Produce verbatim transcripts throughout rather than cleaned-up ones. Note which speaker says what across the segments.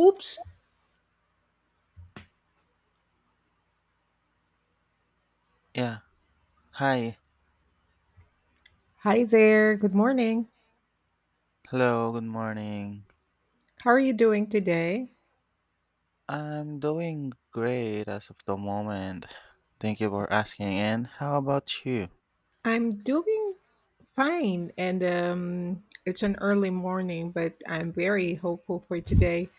Speaker 1: Oops.
Speaker 2: Yeah. Hi.
Speaker 1: Hi there. Good morning.
Speaker 2: Hello. Good morning.
Speaker 1: How are you doing today?
Speaker 2: I'm doing great as of the moment. Thank you for asking. And how about you?
Speaker 1: I'm doing fine. And um, It's an early morning, but I'm very hopeful for today.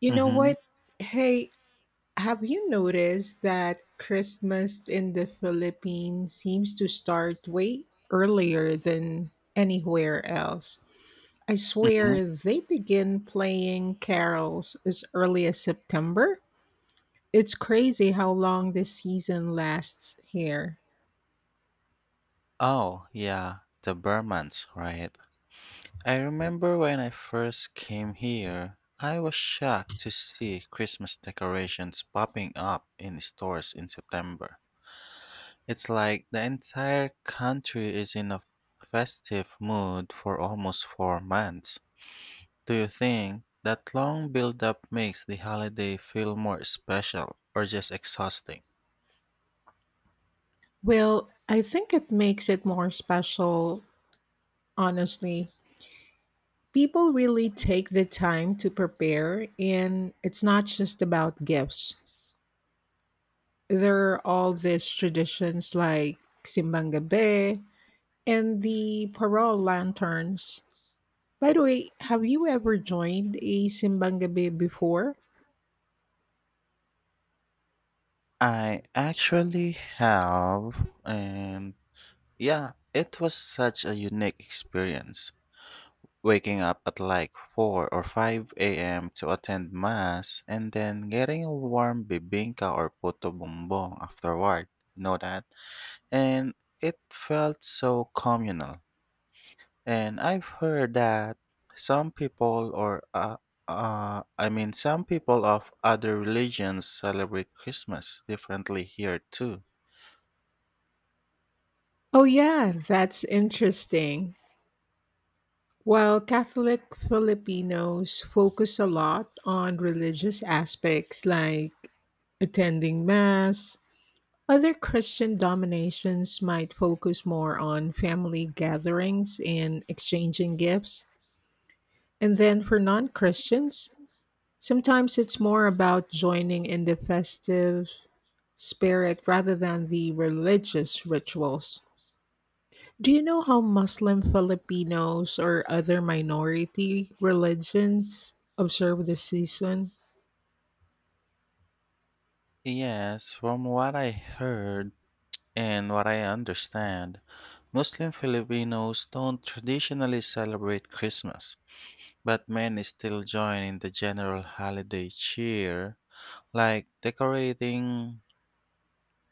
Speaker 1: You know
Speaker 2: Mm-hmm.
Speaker 1: what? Hey, have you noticed that Christmas in the Philippines seems to start way earlier than anywhere else? I
Speaker 2: Mm-hmm.
Speaker 1: swear they begin playing carols as early as September. It's crazy how long this season lasts here.
Speaker 2: Oh, yeah. The Burmans, right? I remember when I first came here, I was shocked to see Christmas decorations popping up in stores in September. It's like the entire country is in a festive mood for almost four months. Do you think that long build-up makes the holiday feel more special or just exhausting?
Speaker 1: Well, I think it makes it more special, honestly. People really take the time to prepare, and it's not just about gifts. There are all these traditions like Simbang Gabi and the parol lanterns. By the way, have you ever joined a Simbang Gabi before?
Speaker 2: I actually have, and yeah, it was such a unique experience. Waking up at like four or five a m to attend Mass and then getting a warm bibingka or puto bumbong afterward. You know that? And it felt so communal. And I've heard that some people or uh, uh, I mean some people of other religions celebrate Christmas differently here too.
Speaker 1: Oh, yeah, that's interesting. While Catholic Filipinos focus a lot on religious aspects like attending Mass, other Christian dominations might focus more on family gatherings and exchanging gifts. And then for non Christians, sometimes it's more about joining in the festive spirit rather than the religious rituals. Do you know how Muslim Filipinos or other minority religions observe the season?
Speaker 2: Yes, from what I heard and what I understand, Muslim Filipinos don't traditionally celebrate Christmas, but many still join in the general holiday cheer, like decorating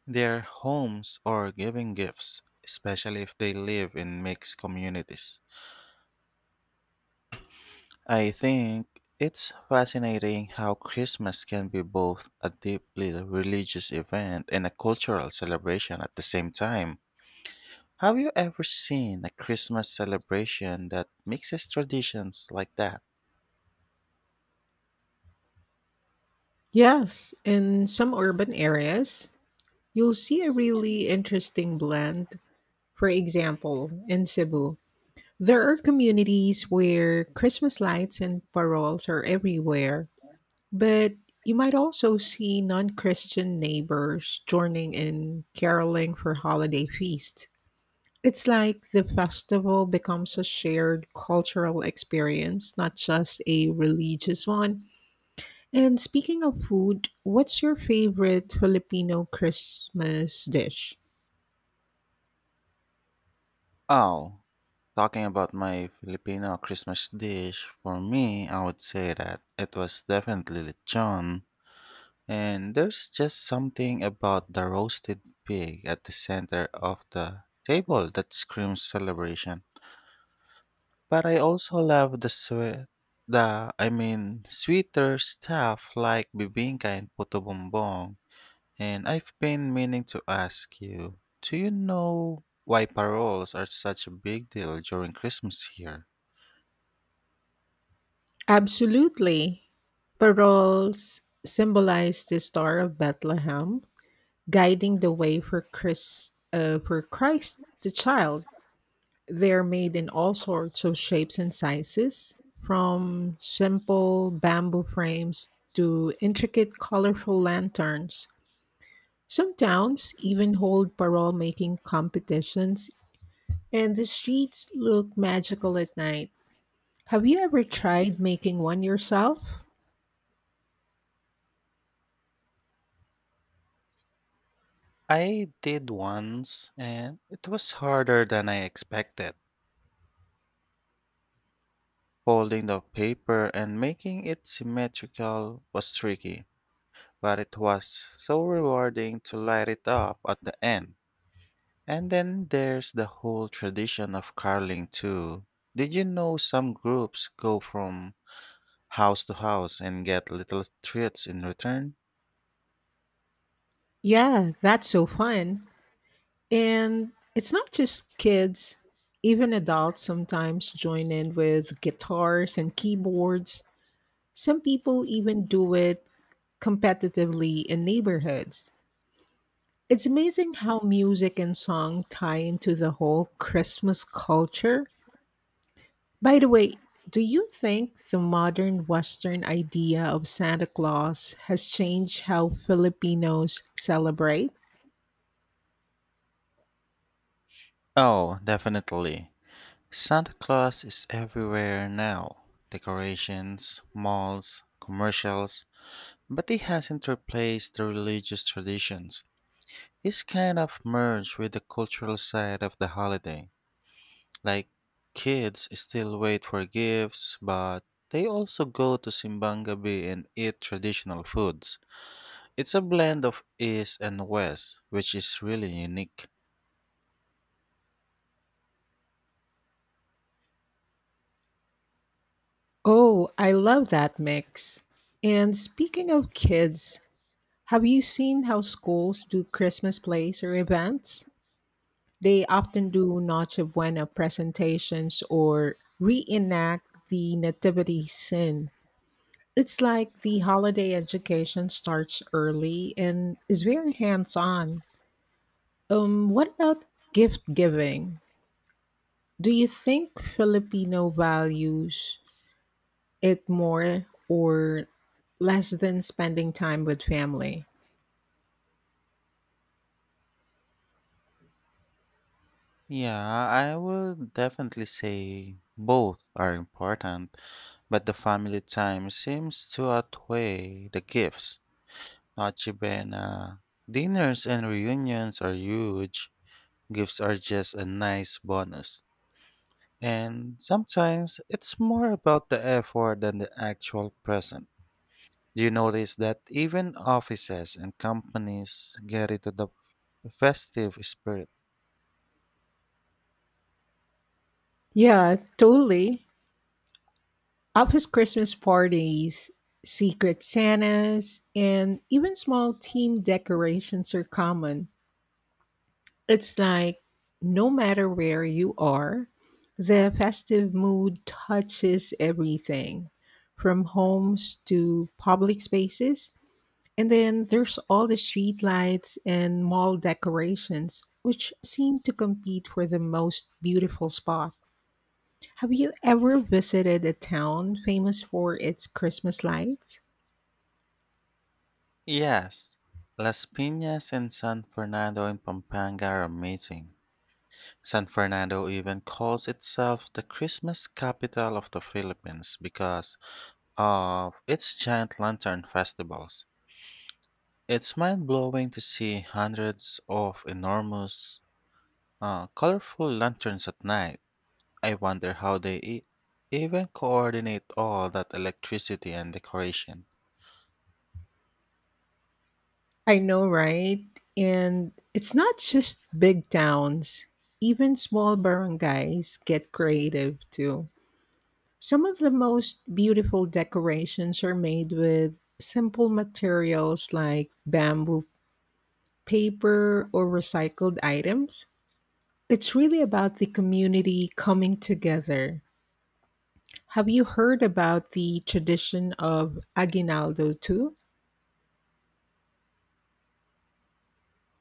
Speaker 2: their homes or giving gifts, especially if they live in mixed communities. I think it's fascinating how Christmas can be both a deeply religious event and a cultural celebration at the same time. Have you ever seen a Christmas celebration that mixes traditions like that?
Speaker 1: Yes, in some urban areas, you'll see a really interesting blend. For example, in Cebu, there are communities where Christmas lights and paroles are everywhere, but you might also see non Christian neighbors joining in caroling for holiday feasts. It's like the festival becomes a shared cultural experience, not just a religious one. And speaking of food, what's your favorite Filipino Christmas dish?
Speaker 2: Oh, talking about my Filipino Christmas dish, for me, I would say that it was definitely lechon. And there's just something about the roasted pig at the center of the table that screams celebration. But I also love the sweet, the I mean sweeter stuff like bibingka and puto bumbong. And I've been meaning to ask you, do you know why paroles are such a big deal during Christmas here?
Speaker 1: Absolutely. Paroles symbolize the Star of Bethlehem, guiding the way for Christ, uh, for Christ the child. They're made in all sorts of shapes and sizes, from simple bamboo frames to intricate, colorful lanterns. Some towns even hold parole making competitions, and the streets look magical at night. Have you ever tried making one yourself?
Speaker 2: I did once, and it was harder than I expected. Folding the paper and making it symmetrical was tricky, but it was so rewarding to light it up at the end. And then there's the whole tradition of caroling too. Did you know some groups go from house to house and get little treats in return?
Speaker 1: Yeah, that's so fun. And it's not just kids, even adults sometimes join in with guitars and keyboards. Some people even do it competitively in neighborhoods. It's amazing how music and song tie into the whole Christmas culture. By the way, do you think the modern Western idea of Santa Claus has changed how Filipinos celebrate?
Speaker 2: Oh, definitely. Santa Claus is everywhere now. Decorations, malls, commercials, but he hasn't replaced the religious traditions. This kind of merged with the cultural side of the holiday. Like, kids still wait for gifts, but they also go to Simbang Gabi and eat traditional foods. It's a blend of East and West, which is really unique.
Speaker 1: Oh, I love that mix. And speaking of kids, have you seen how schools do Christmas plays or events? They often do Noche Buena presentations or reenact the Nativity scene. It's like the holiday education starts early and is very hands on. Um, what about gift giving? Do you think Filipino values it more or less than spending time with family?
Speaker 2: Yeah, I would definitely say both are important, but the family time seems to outweigh the gifts. Noche Buena, dinners and reunions are huge. Gifts are just a nice bonus. And sometimes it's more about the effort than the actual present. Do you notice that even offices and companies get into the festive spirit?
Speaker 1: Yeah, totally. Office Christmas parties, secret Santas, and even small team decorations are common. It's like no matter where you are, the festive mood touches everything from homes to public spaces. And then there's all the streetlights and mall decorations, which seem to compete for the most beautiful spot. Have you ever visited a town famous for its Christmas lights?
Speaker 2: Yes. Las Piñas and San Fernando in Pampanga are amazing. San Fernando even calls itself the Christmas capital of the Philippines because of its giant lantern festivals. It's mind blowing to see hundreds of enormous, uh, colorful lanterns at night. I wonder how they e- even coordinate all that electricity and decoration.
Speaker 1: I know, right? And it's not just big towns, even small barangays get creative too. Some of the most beautiful decorations are made with simple materials like bamboo paper or recycled items. It's really about the community coming together. Have you heard about the tradition of aguinaldo too?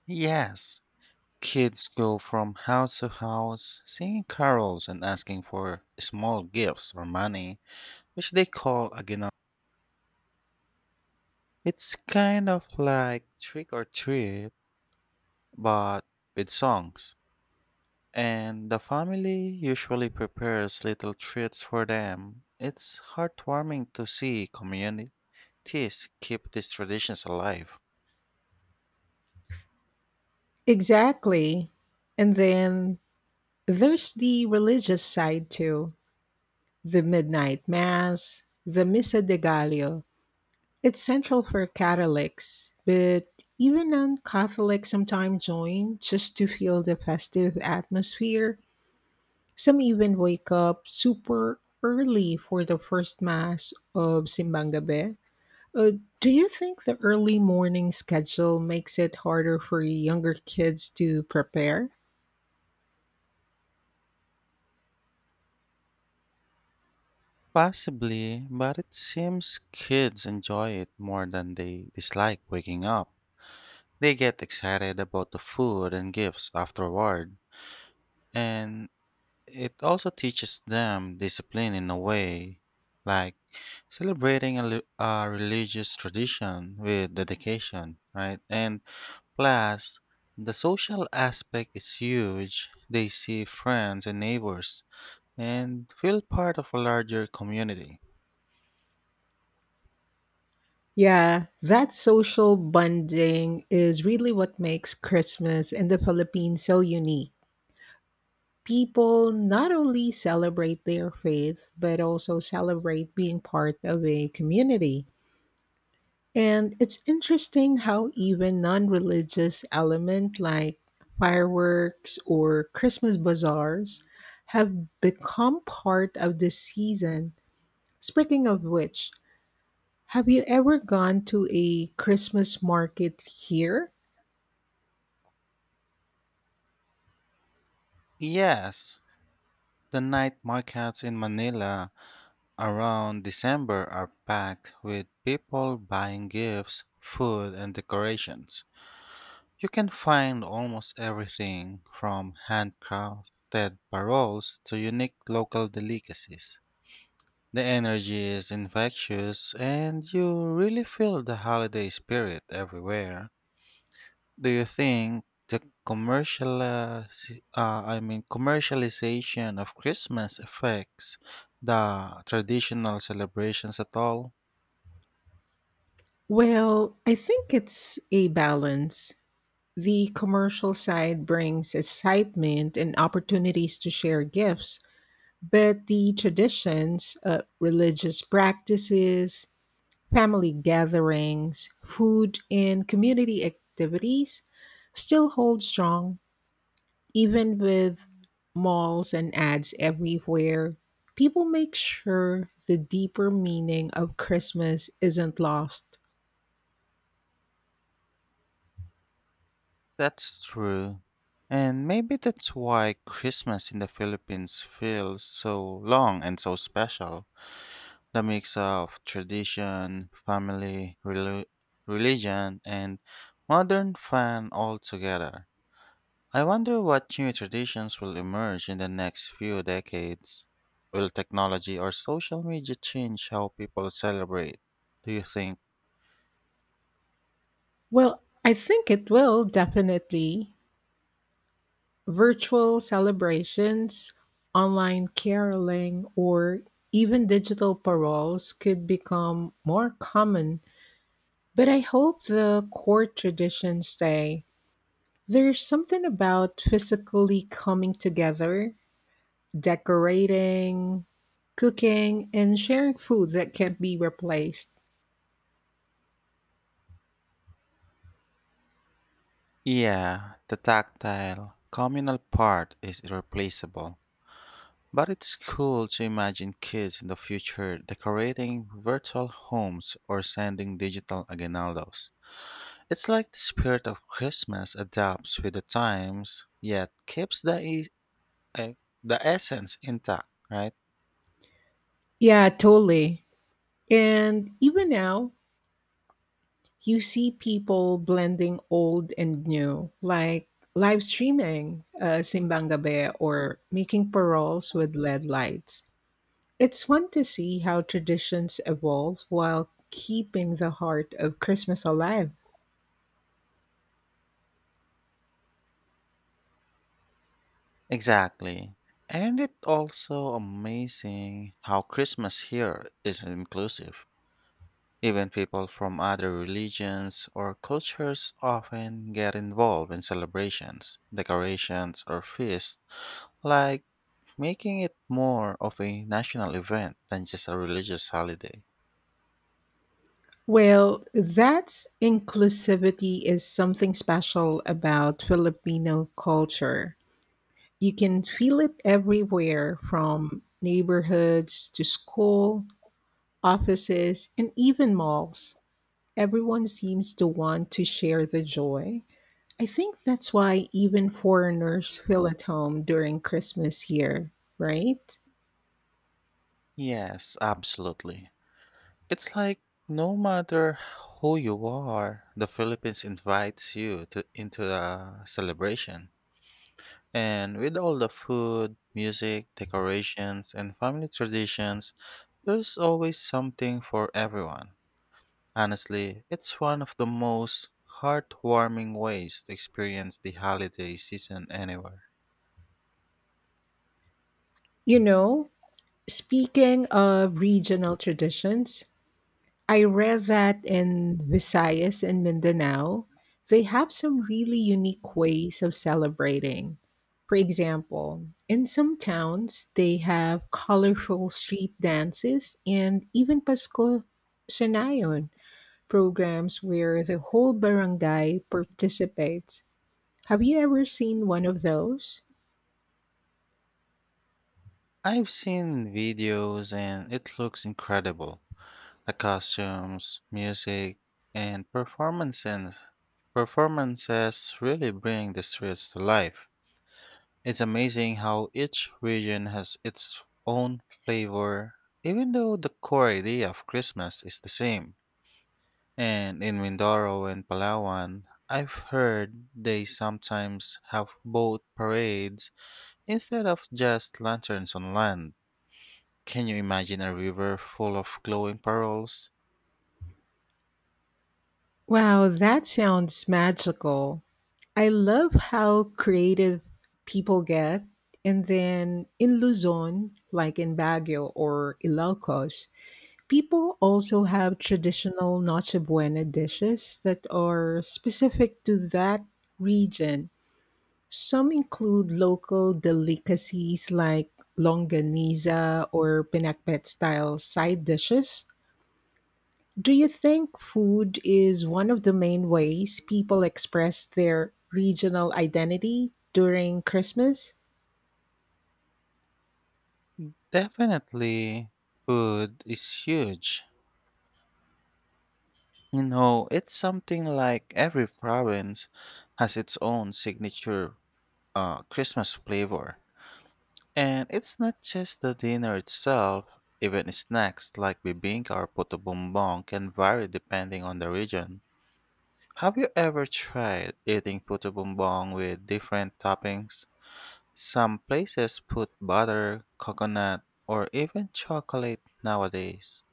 Speaker 2: Yes, kids go from house to house singing carols and asking for small gifts or money, which they call aguinaldo. It's kind of like trick or treat, but with songs. And the family usually prepares little treats for them. It's heartwarming to see communities keep these traditions alive.
Speaker 1: Exactly. And then there's the religious side too the midnight mass, the Misa de Gallo. It's central for Catholics, but even non Catholics sometimes join just to feel the festive atmosphere. Some even wake up super early for the first mass of Simbangabe. Uh, do you think the early morning schedule makes it harder for younger kids to prepare?
Speaker 2: Possibly, but it seems kids enjoy it more than they dislike waking up. They get excited about the food and gifts afterward, and it also teaches them discipline in a way, like celebrating a, li- a religious tradition with dedication, right? And plus, the social aspect is huge. They see friends and neighbors and feel part of a larger community.
Speaker 1: Yeah, that social bonding is really what makes Christmas in the Philippines so unique. People not only celebrate their faith, but also celebrate being part of a community. And it's interesting how even non religious element like fireworks or Christmas bazaars have become part of the season. Speaking of which, have you ever gone to a Christmas market here?
Speaker 2: Yes, the night markets in Manila around December are packed with people buying gifts, food, and decorations. You can find almost everything from handcrafted paroles to unique local delicacies. The energy is infectious, and you really feel the holiday spirit everywhere. Do you think the commercial, uh, s- uh, I mean, commercialization of Christmas affects the traditional celebrations at all?
Speaker 1: Well, I think it's a balance. The commercial side brings excitement and opportunities to share gifts, but the traditions, uh, religious practices, family gatherings, food, and community activities still hold strong, even with malls and ads everywhere. People make sure the deeper meaning of Christmas isn't lost.
Speaker 2: That's true. And maybe that's why Christmas in the Philippines feels so long and so special. The mix of tradition, family, relu- religion, and modern fun all together. I wonder what new traditions will emerge in the next few decades. Will technology or social media change how people celebrate? Do you think?
Speaker 1: Well, I think it will definitely. Virtual celebrations, online caroling, or even digital paroles could become more common, but I hope the core traditions stay. There's something about physically coming together, decorating, cooking, and sharing food that can't be replaced.
Speaker 2: Yeah, the tactile, communal part is irreplaceable. But it's cool to imagine kids in the future decorating virtual homes or sending digital aguinaldos. It's like the spirit of Christmas adapts with the times, yet keeps the e- uh, the essence intact, right?
Speaker 1: Yeah, totally. And even now, you see people blending old and new, like live streaming uh, Simbang Gabi or making paroles with L E D lights. It's fun to see how traditions evolve while keeping the heart of Christmas alive.
Speaker 2: Exactly. And it also amazing how Christmas here is inclusive. Even people from other religions or cultures often get involved in celebrations, decorations, or feasts, like making it more of a national event than just a religious holiday.
Speaker 1: Well, that's inclusivity is something special about Filipino culture. You can feel it everywhere from neighborhoods to school, offices, and even malls. Everyone seems to want to share the joy. I think that's why even foreigners feel at home during Christmas here, right?
Speaker 2: Yes, absolutely. It's like no matter who you are, the Philippines invites you to into the celebration. And with all the food, music, decorations, and family traditions, there's always something for everyone. Honestly, it's one of the most heartwarming ways to experience the holiday season anywhere.
Speaker 1: You know, speaking of regional traditions, I read that in Visayas and Mindanao, they have some really unique ways of celebrating. For example, in some towns, they have colorful street dances and even Pasko Sanayon programs where the whole barangay participates. Have you ever seen one of those?
Speaker 2: I've seen videos and it looks incredible. The costumes, music, and performances performances really bring the streets to life. It's amazing how each region has its own flavor, even though the core idea of Christmas is the same. And in Mindoro and Palawan, I've heard they sometimes have boat parades instead of just lanterns on land. Can you imagine a river full of glowing pearls?
Speaker 1: Wow, that sounds magical. I love how creative people get. And then in Luzon, like in Baguio or Ilocos, people also have traditional Noche Buena dishes that are specific to that region. Some include local delicacies like longaniza or pinakbet style side dishes. Do you think food is one of the main ways people express their regional identity during Christmas?
Speaker 2: Definitely, food is huge. You know, it's something like every province has its own signature uh, Christmas flavor. And it's not just the dinner itself, even snacks like bibingka or puto bumbong can vary depending on the region. Have you ever tried eating puto bumbong with different toppings? Some places put butter, coconut, or even chocolate nowadays.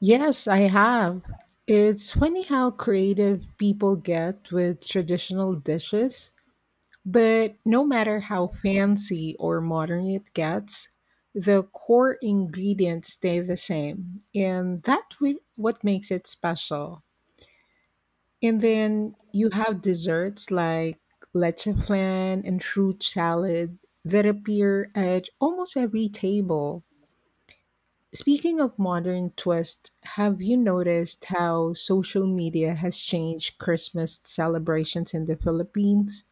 Speaker 1: Yes, I have. It's funny how creative people get with traditional dishes. But no matter how fancy or modern it gets, the core ingredients stay the same, and that's what makes it special. And then you have desserts like leche flan and fruit salad that appear at almost every table. Speaking of modern twists, have you noticed how social media has changed Christmas celebrations in the Philippines?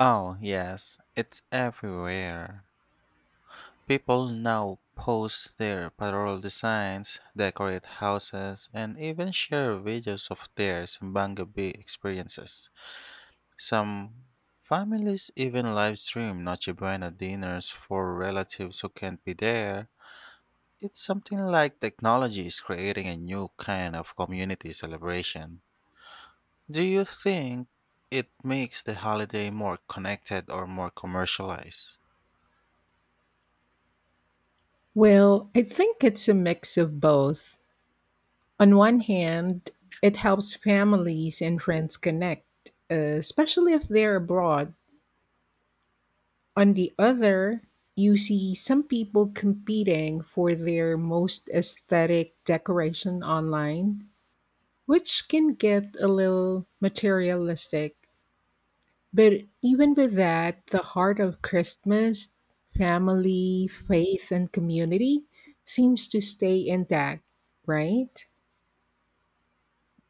Speaker 2: Oh, yes, it's everywhere. People now post their patrol designs, decorate houses, and even share videos of their Sambanga Bay experiences. Some families even live stream Noche Buena dinners for relatives who can't be there. It's something like technology is creating a new kind of community celebration. Do you think it makes the holiday more connected or more commercialized?
Speaker 1: Well, I think it's a mix of both. On one hand, it helps families and friends connect, uh, especially if they're abroad. On the other, you see some people competing for their most aesthetic decoration online, which can get a little materialistic. But even with that, the heart of Christmas, family, faith, and community seems to stay intact, right?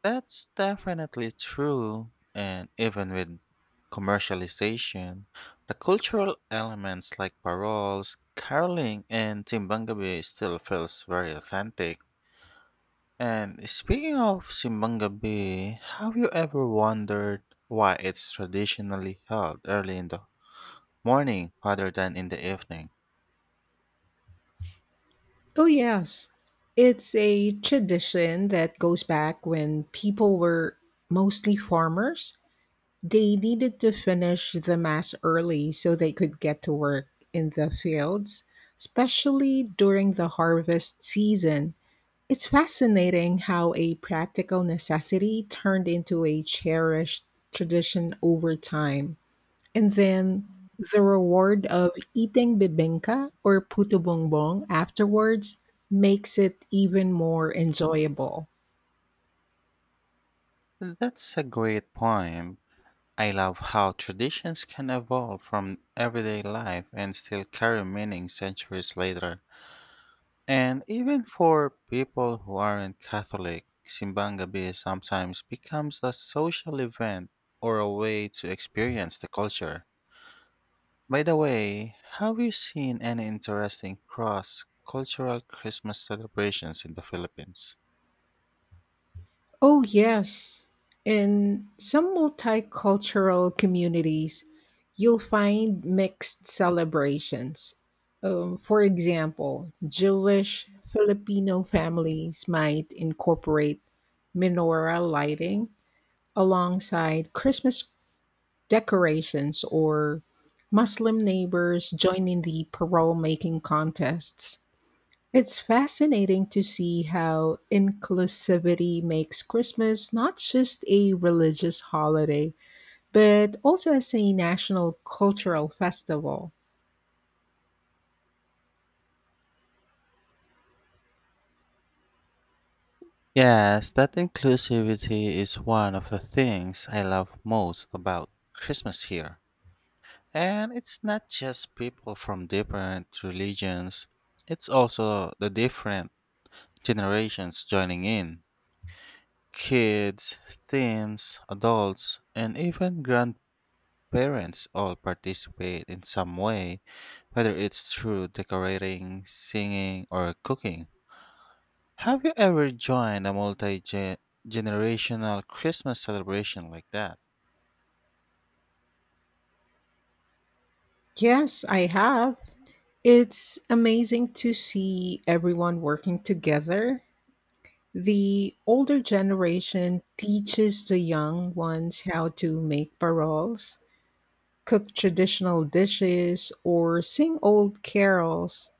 Speaker 2: That's definitely true. And even with commercialization, the cultural elements like paroles, caroling, and Simbangabi still feels very authentic. And speaking of Simbangabi, have you ever wondered why it's traditionally held early in the morning rather than in the evening?
Speaker 1: Oh, yes. It's a tradition that goes back when people were mostly farmers. They needed to finish the mass early so they could get to work in the fields, especially during the harvest season. It's fascinating how a practical necessity turned into a cherished tradition over time. And then the reward of eating bibingka or puto bongbong afterwards makes it even more enjoyable.
Speaker 2: That's a great point. I love how traditions can evolve from everyday life and still carry meaning centuries later. And even for people who aren't Catholic, Simbang Gabi sometimes becomes a social event or a way to experience the culture. By the way, have you seen any interesting cross cultural Christmas celebrations in the Philippines?
Speaker 1: Oh, yes. In some multicultural communities, you'll find mixed celebrations. Um, for example, Jewish Filipino families might incorporate menorah lighting alongside Christmas decorations or Muslim neighbors joining the parole making contests. It's fascinating to see how inclusivity makes Christmas not just a religious holiday, but also as a national cultural festival.
Speaker 2: Yes, that inclusivity is one of the things I love most about Christmas here. And it's not just people from different religions, it's also the different generations joining in kids, teens, adults, and even grandparents all participate in some way, whether it's through decorating, singing, or cooking. Have you ever joined a multi generational Christmas celebration like that?
Speaker 1: Yes, I have. It's amazing to see everyone working together. The older generation teaches the young ones how to make paroles, cook traditional dishes, or sing old carols.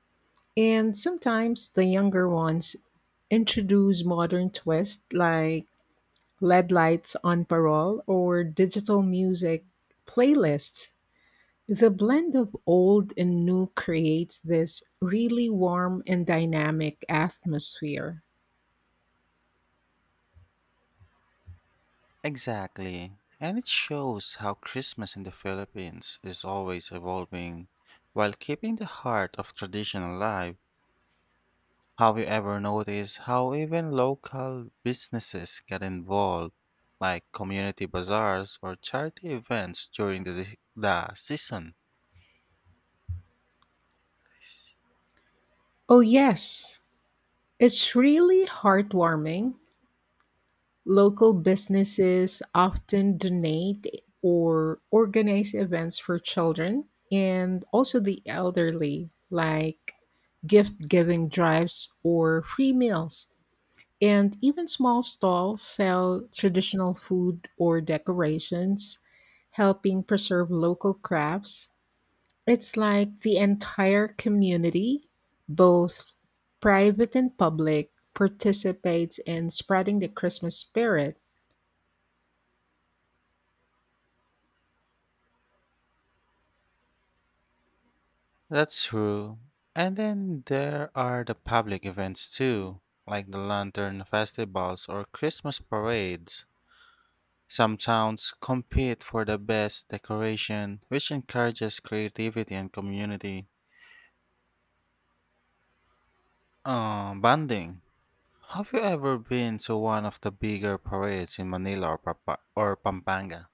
Speaker 1: And sometimes the younger ones introduce modern twists like L E D lights on parole or digital music playlists. The blend of old and new creates this really warm and dynamic atmosphere.
Speaker 2: Exactly. And it shows how Christmas in the Philippines is always evolving while keeping the heart of tradition alive. Have you ever noticed how even local businesses get involved, like community bazaars or charity events during the, the season?
Speaker 1: Oh, yes, it's really heartwarming. Local businesses often donate or organize events for children and also the elderly, like gift giving drives or free meals. And even small stalls sell traditional food or decorations, helping preserve local crafts. It's like the entire community, both private and public, participates in spreading the Christmas spirit.
Speaker 2: That's true. And then there are the public events too, like the lantern festivals or Christmas parades. Some towns compete for the best decoration, which encourages creativity and community uh, bonding. Have you ever been to one of the bigger parades in Manila or, Papa- or Pampanga?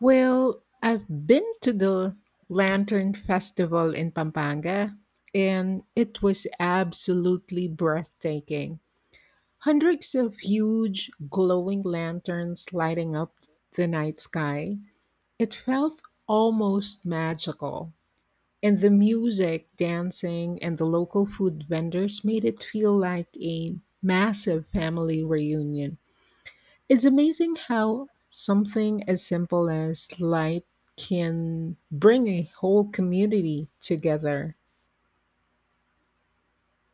Speaker 1: Well, I've been to the Lantern Festival in Pampanga, and it was absolutely breathtaking. Hundreds of huge, glowing lanterns lighting up the night sky. It felt almost magical. And the music, dancing, and the local food vendors made it feel like a massive family reunion. It's amazing how something as simple as light can bring a whole community together,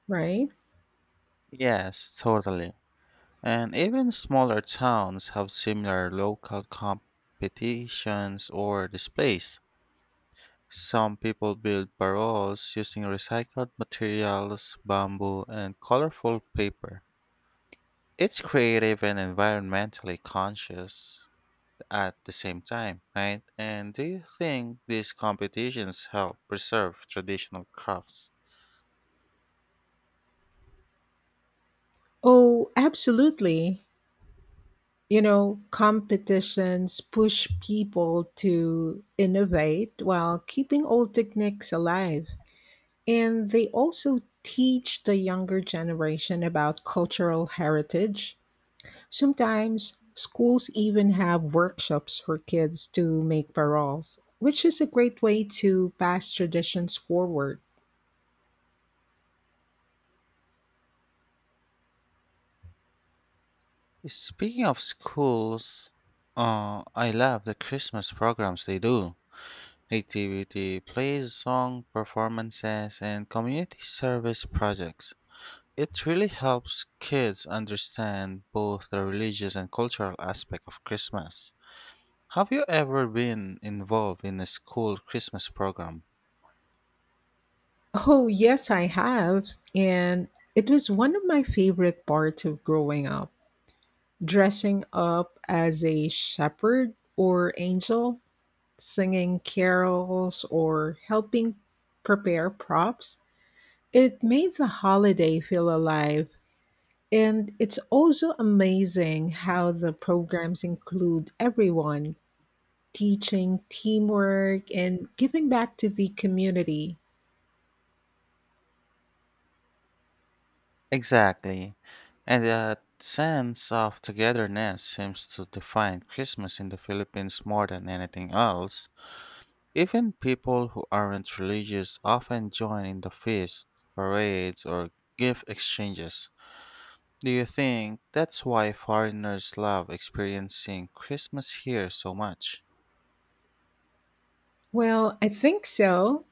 Speaker 1: right?
Speaker 2: Yes, totally. And even smaller towns have similar local competitions or displays. Some people build barrels using recycled materials, bamboo, and colorful paper. It's creative and environmentally conscious at the same time, right? And do you think these competitions help preserve traditional crafts?
Speaker 1: Oh, absolutely. You know, competitions push people to innovate while keeping old techniques alive. And they also teach the younger generation about cultural heritage. Sometimes schools even have workshops for kids to make paroles, which is a great way to pass traditions forward.
Speaker 2: Speaking of schools, uh, I love the Christmas programs they do. Nativity plays, song performances, and community service projects. It really helps kids understand both the religious and cultural aspect of Christmas. Have you ever been involved in a school Christmas program?
Speaker 1: Oh, yes, I have. And it was one of my favorite parts of growing up. Dressing up as a shepherd or angel, singing carols, or helping prepare props. It made the holiday feel alive. And it's also amazing how the programs include everyone teaching teamwork and giving back to the community.
Speaker 2: Exactly. And that sense of togetherness seems to define Christmas in the Philippines more than anything else. Even people who aren't religious often join in the feasts, parades, or gift exchanges. Do you think that's why foreigners love experiencing Christmas here so much?
Speaker 1: Well, I think so.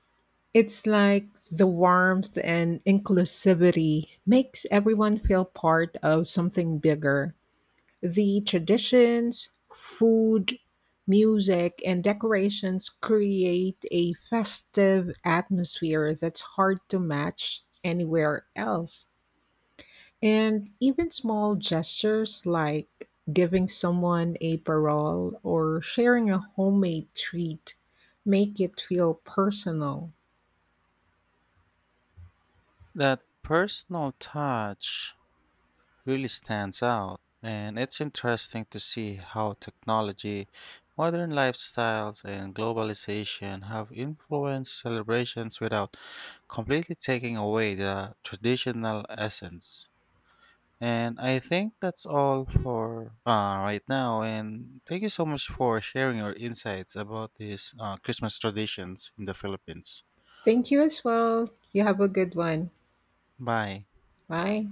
Speaker 1: It's like the warmth and inclusivity makes everyone feel part of something bigger. The traditions, food, music, and decorations create a festive atmosphere that's hard to match anywhere else. And even small gestures like giving someone a parole or sharing a homemade treat make it feel personal.
Speaker 2: That personal touch really stands out, and it's interesting to see how technology, modern lifestyles, and globalization have influenced celebrations without completely taking away the traditional essence. And I think that's all for uh, right now. And thank you so much for sharing your insights about these uh, Christmas traditions in the Philippines.
Speaker 1: Thank you as well. You have a good one.
Speaker 2: Bye.
Speaker 1: Bye.